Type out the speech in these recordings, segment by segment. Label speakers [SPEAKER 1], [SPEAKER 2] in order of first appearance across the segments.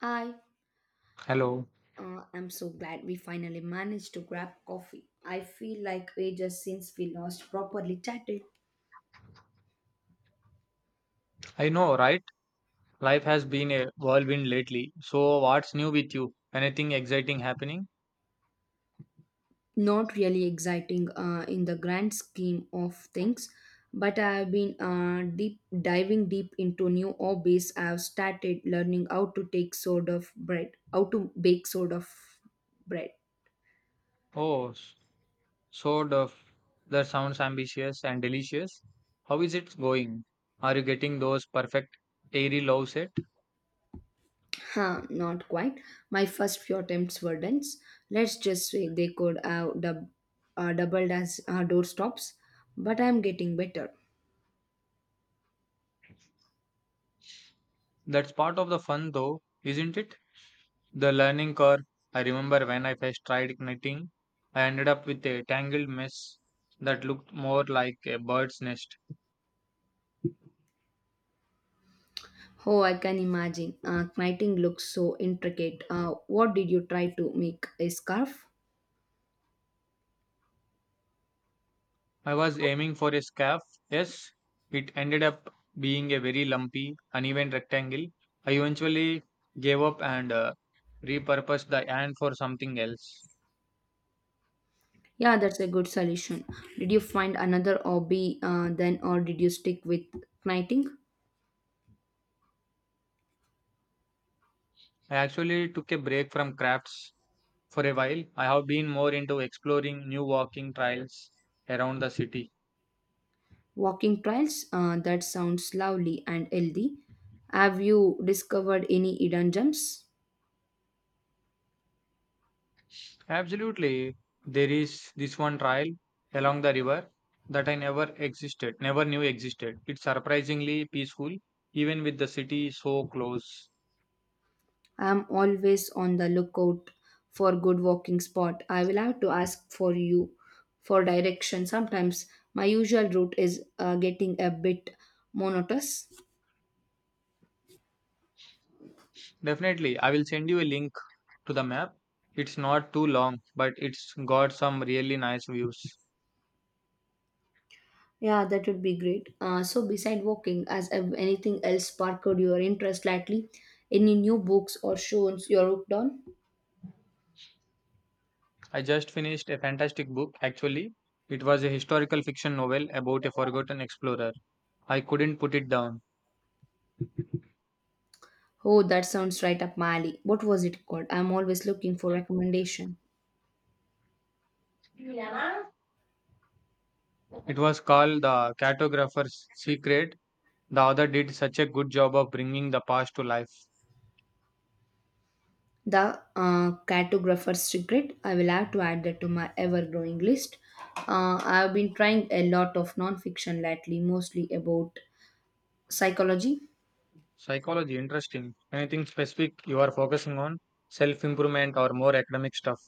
[SPEAKER 1] I
[SPEAKER 2] Hello.
[SPEAKER 1] uh, am so glad we finally managed to grab coffee. I feel like ages since we last properly chatted.
[SPEAKER 2] I know, right? Life has been a whirlwind lately. So, what's new with you? Anything exciting happening?
[SPEAKER 1] Not really exciting in the grand scheme of things, but I have been deep diving deep into new hobbies. I have started learning how to take sort of bread, how to bake sort of bread.
[SPEAKER 2] Oh, s- so the that sounds ambitious and delicious. How is it going? Are you getting those perfect airy loaves set?
[SPEAKER 1] Not quite. My first few attempts were dense. Let's just say they could have doubled as door but I'm getting better.
[SPEAKER 2] That's part of the fun, though, isn't it? The learning curve. I remember when I first tried knitting, I ended up with a tangled mess that looked more like a bird's nest.
[SPEAKER 1] Oh, I can imagine. Knighting looks so intricate. What did you try to make? A scarf?
[SPEAKER 2] I was aiming for a scarf. Yes, it ended up being a very lumpy, uneven rectangle. I eventually gave up and repurposed the yarn for something else.
[SPEAKER 1] Yeah, that's a good solution. Did you find another hobby then, or did you stick with knighting?
[SPEAKER 2] I actually took a break from crafts for a while. I have been more into exploring new walking trails around the city.
[SPEAKER 1] Walking trails. That sounds lovely and healthy. Have you discovered any hidden gems?
[SPEAKER 2] Absolutely, there is this one trail along the river that I never existed, never knew existed. It's surprisingly peaceful, even with the city so close.
[SPEAKER 1] I'm always on the lookout for good walking spot. I will have to ask for you for direction. Sometimes my usual route is getting a bit monotonous.
[SPEAKER 2] Definitely, I will send you a link to the map. It's not too long, but it's got some really nice views.
[SPEAKER 1] Yeah, that would be great. So beside walking, anything else sparked your interest lately? Any new books or shows you're hooked on?
[SPEAKER 2] I just finished a fantastic book, actually. It was a historical fiction novel about a forgotten explorer. I couldn't put it down.
[SPEAKER 1] Oh, that sounds right up my alley. What was it called? I'm always looking for recommendation.
[SPEAKER 2] It was called The Cartographer's Secret. The author did such a good job of bringing the past to life.
[SPEAKER 1] The cartographer's regret. I will have to add that to my ever-growing list. I've been trying a lot of non-fiction lately, mostly about psychology,
[SPEAKER 2] Psychology, interesting. Anything specific you are focusing on? Self improvement or more academic stuff?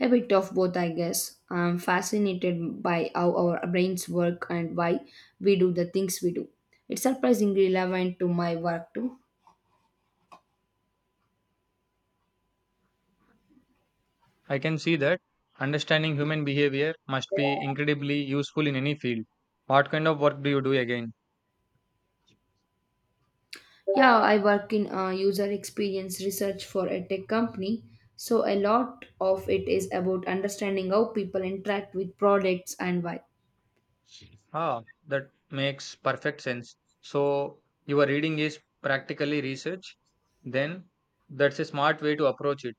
[SPEAKER 1] a bit of both, I guess. I'm fascinated by how our brains work and why we do the things we do. It's surprisingly relevant to my work too.
[SPEAKER 2] I can see that understanding human behavior must be incredibly useful in any field. What kind of work do you do again?
[SPEAKER 1] Yeah, I work in user experience research for a tech company. So a lot of it is about understanding how people interact with products and why.
[SPEAKER 2] Ah, that makes perfect sense. So, your reading is practically research, then that's a smart way to approach it.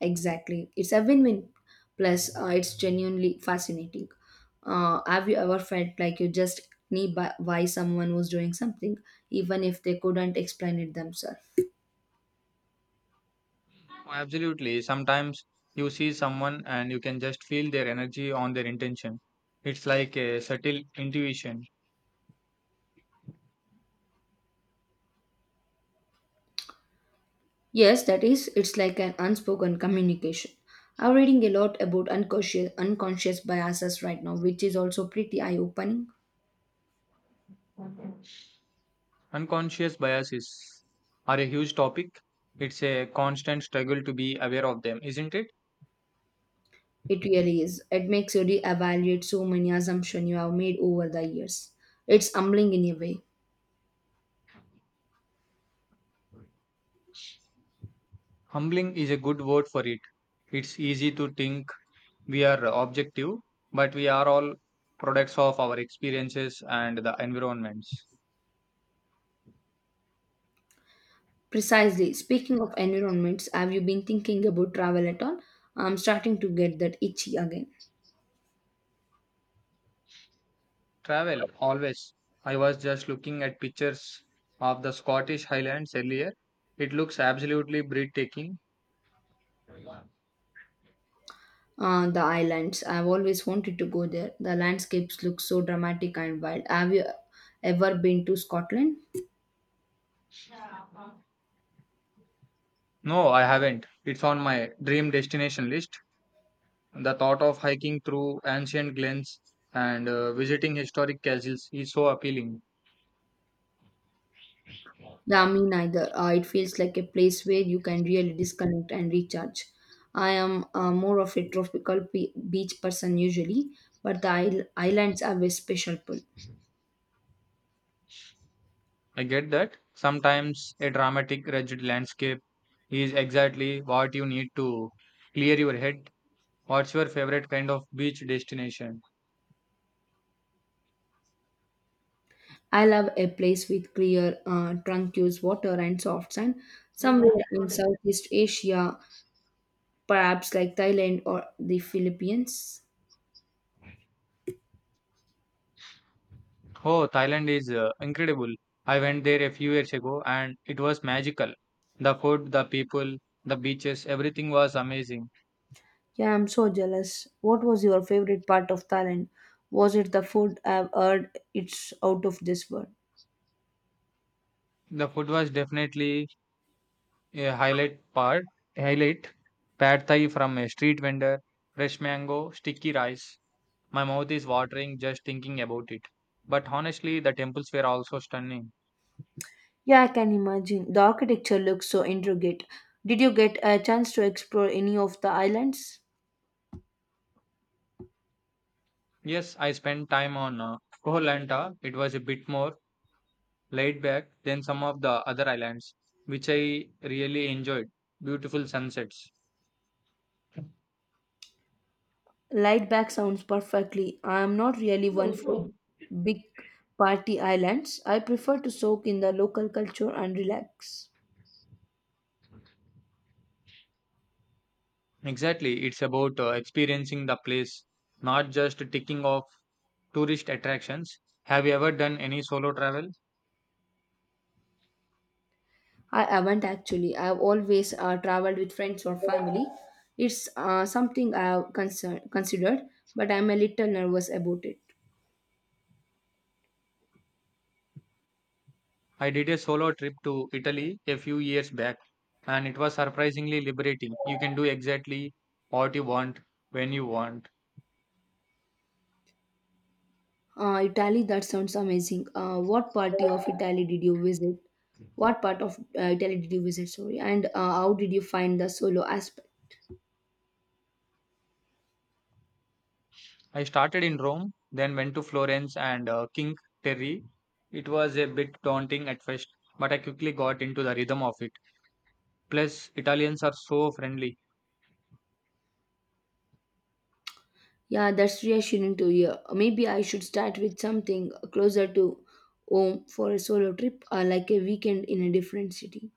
[SPEAKER 1] Exactly. It's a win win. Plus, it's genuinely fascinating. Have you ever felt like you just knew by, why someone was doing something, even if they couldn't explain it themselves?
[SPEAKER 2] Absolutely. Sometimes you see someone and you can just feel their energy on their intention. It's like a subtle intuition.
[SPEAKER 1] Yes, that is, it's like an unspoken communication. I'm reading a lot about unconscious biases right now, which is also pretty eye opening.
[SPEAKER 2] Unconscious biases are a huge topic. It's a constant struggle to be aware of them, isn't it?
[SPEAKER 1] It really is. It makes you reevaluate so many assumptions you have made over the years. It's humbling in a way.
[SPEAKER 2] Humbling is a good word for it. It's easy to think we are objective, but we are all products of our experiences and the environments.
[SPEAKER 1] Precisely. Speaking of environments, have you been thinking about travel at all? I'm starting to get that itchy again.
[SPEAKER 2] Travel, always. I was just looking at pictures of the Scottish Highlands earlier. It looks absolutely breathtaking.
[SPEAKER 1] The islands. I've always wanted to go there. The landscapes look so dramatic and wild. Have you ever been to Scotland?
[SPEAKER 2] No, I haven't. It's on my dream destination list. The thought of hiking through ancient glens and visiting historic castles is so appealing.
[SPEAKER 1] Yeah, me neither. It feels like a place where you can really disconnect and recharge. I am more of a beach person usually, but the islands have a special pull.
[SPEAKER 2] I get that. Sometimes a dramatic, rigid landscape is exactly what you need to clear your head. What's your favorite kind of beach destination?
[SPEAKER 1] I love a place with clear, tranquil water and soft sand. Somewhere in Southeast Asia, perhaps like Thailand or the Philippines.
[SPEAKER 2] Oh, Thailand is incredible. I went there a few years ago and it was magical. The food, the people, the beaches, everything was amazing.
[SPEAKER 1] Yeah, I'm so jealous. What was your favorite part of Thailand? Was it the food? I've heard it's out of this world.
[SPEAKER 2] The food was definitely a highlight part. Highlight pad thai from a street vendor, fresh mango, sticky rice. My mouth is watering just thinking about it. But honestly, the temples were also stunning.
[SPEAKER 1] Yeah, I can imagine. The architecture looks so intricate. Did you get a chance to explore any of the islands?
[SPEAKER 2] Yes, I spent time on Koh Lanta. It was a bit more laid back than some of the other islands, which I really enjoyed. Beautiful sunsets.
[SPEAKER 1] Light back sounds perfectly. I am not really one for big party islands. I prefer to soak in the local culture and relax.
[SPEAKER 2] Exactly, it's about experiencing the place, not just ticking off tourist attractions. Have you ever done any solo travel?
[SPEAKER 1] I haven't actually. I have always traveled with friends or family. It's something I have considered, but I'm a little nervous about it.
[SPEAKER 2] I did a solo trip to Italy a few years back, and it was surprisingly liberating. You can do exactly what you want when you want.
[SPEAKER 1] Italy, that sounds amazing. What party of Italy did you visit? What part of Italy did you visit? Sorry, and how did you find the solo aspect?
[SPEAKER 2] I started in Rome, then went to Florence and King Terry. It was a bit daunting at first, but I quickly got into the rhythm of it. Plus, Italians are so friendly.
[SPEAKER 1] Yeah, that's reassuring to hear. Maybe I should start with something closer to home for a solo trip or like a weekend in a different city.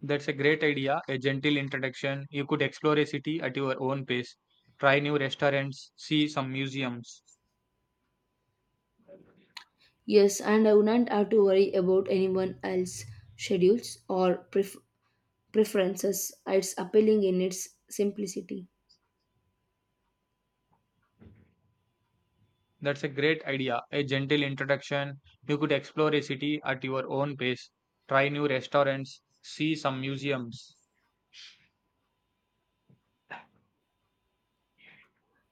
[SPEAKER 2] That's a great idea, a gentle introduction. You could explore a city at your own pace, try new restaurants, see some museums.
[SPEAKER 1] Yes, and I wouldn't have to worry about anyone else's schedules or preferences. It's appealing in its simplicity.
[SPEAKER 2] That's a great idea. A gentle introduction. You could explore a city at your own pace, try new restaurants, see some museums.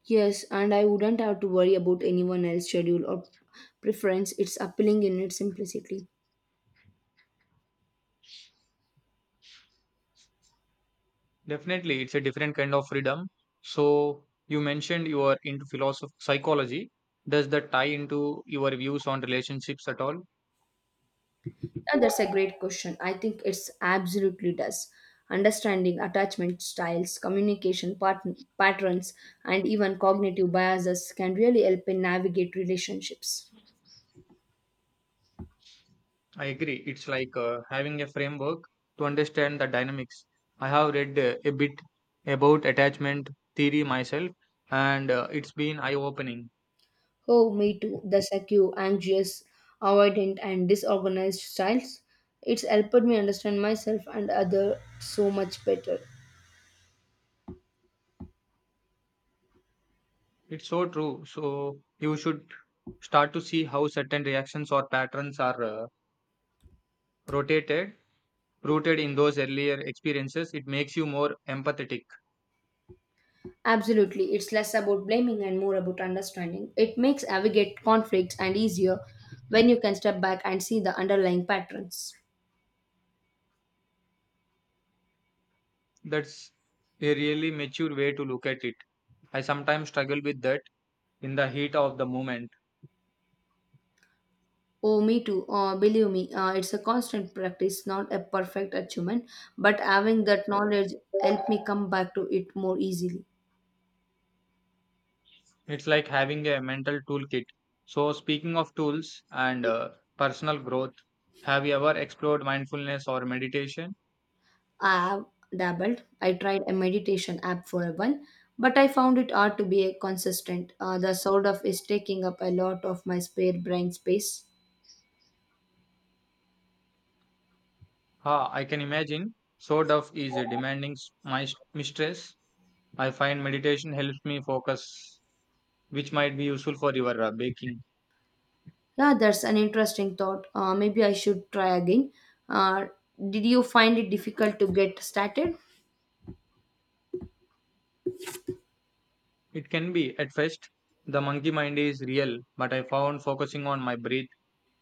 [SPEAKER 1] Yes, and I wouldn't have to worry about anyone else's schedule or preference. It's appealing in its simplicity.
[SPEAKER 2] Definitely, it's a different kind of freedom. So, you mentioned you are into philosophy, psychology. Does that tie into your views on relationships at all?
[SPEAKER 1] That's a great question. I think it's absolutely does. Understanding attachment styles, patterns, and even cognitive biases can really help in navigate relationships.
[SPEAKER 2] I agree. It's like having a framework to understand the dynamics. I have read a bit about attachment theory myself, and it's been eye opening.
[SPEAKER 1] Oh, me too. The secure, anxious, avoidant, and disorganized styles. It's helped me understand myself and other so much better.
[SPEAKER 2] It's so true. So you should start to see how certain reactions or patterns are rotated, rooted in those earlier experiences. It makes you more empathetic.
[SPEAKER 1] Absolutely, it's less about blaming and more about understanding. It makes navigate conflicts and easier when you can step back and see the underlying patterns.
[SPEAKER 2] That's a really mature way to look at it. I sometimes struggle with that in the heat of the moment.
[SPEAKER 1] Oh, me too. Believe me, it's a constant practice, not a perfect achievement, but having that knowledge helped me come back to it more easily.
[SPEAKER 2] It's like having a mental toolkit. So speaking of tools and personal growth, have you ever explored mindfulness or meditation?
[SPEAKER 1] I have dabbled. I tried a meditation app for a while, but I found it hard to be a consistent. The sort of is taking up a lot of my spare brain space.
[SPEAKER 2] Ah, I can imagine. So tough is demanding mistress. I find meditation helps me focus, which might be useful for your baking.
[SPEAKER 1] Yeah, that's an interesting thought. Maybe I should try again. Uh, did you find it difficult to get started?
[SPEAKER 2] It can be, at first, the monkey mind is real, but I found focusing on my breath,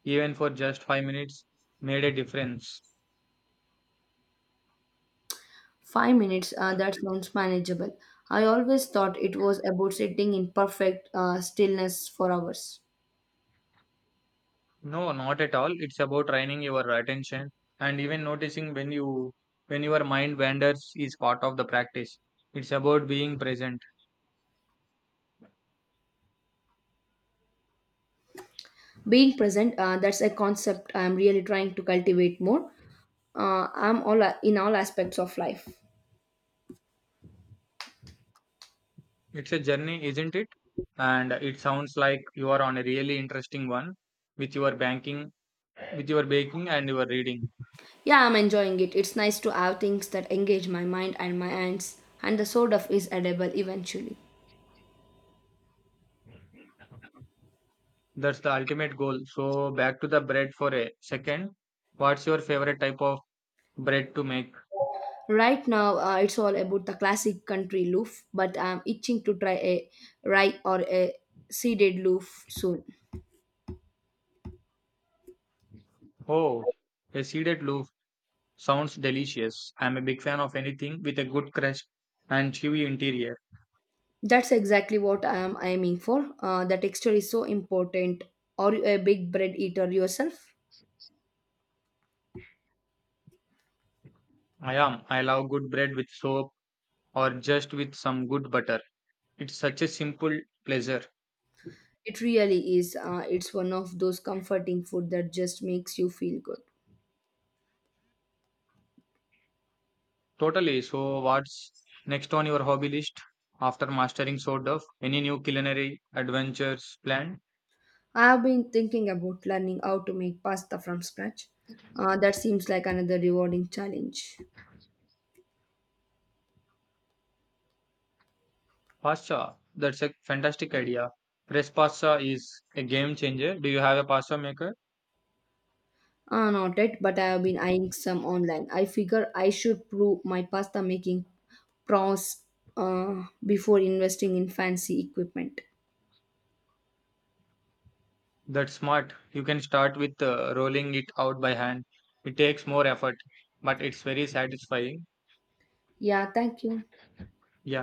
[SPEAKER 2] even for just 5 minutes, made a difference.
[SPEAKER 1] 5 minutes, that sounds manageable. I always thought it was about sitting in perfect stillness for hours.
[SPEAKER 2] No, not at all. It's about training your attention and even noticing when you when your mind wanders is part of the practice. It's about being present.
[SPEAKER 1] Being present, that's a concept I'm really trying to cultivate more. I'm all in all aspects of life.
[SPEAKER 2] It's a journey, isn't it? And it sounds like you are on a really interesting one with your banking, with your baking and your reading.
[SPEAKER 1] Yeah, I'm enjoying it. It's nice to have things that engage my mind and my hands, and the sort of is edible eventually.
[SPEAKER 2] That's the ultimate goal. So back to the bread for a second. What's your favorite type of bread to make?
[SPEAKER 1] Right now, it's all about the classic country loaf, but I'm itching to try a rye or a seeded loaf soon.
[SPEAKER 2] Oh, a seeded loaf sounds delicious. I'm a big fan of anything with a good crust and chewy interior.
[SPEAKER 1] That's exactly what I am aiming for. The texture is so important. Are you a big bread eater yourself?
[SPEAKER 2] I am. I love good bread with soap or just with some good butter. It's such a simple pleasure.
[SPEAKER 1] It really is. It's one of those comforting food that just makes you feel good.
[SPEAKER 2] Totally. So, what's next on your hobby list after mastering Sword Dove? Any new culinary adventures planned?
[SPEAKER 1] I have been thinking about learning how to make pasta from scratch. That seems like another rewarding challenge.
[SPEAKER 2] Pasta. That's a fantastic idea. Fresh pasta is a game changer. Do you have a pasta maker?
[SPEAKER 1] Not yet, but I have been eyeing some online. I figure I should prove my pasta making prowess before investing in fancy equipment.
[SPEAKER 2] That's smart. You can start with rolling it out by hand. It takes more effort, but it's very satisfying.
[SPEAKER 1] Yeah, thank you.
[SPEAKER 2] Yeah.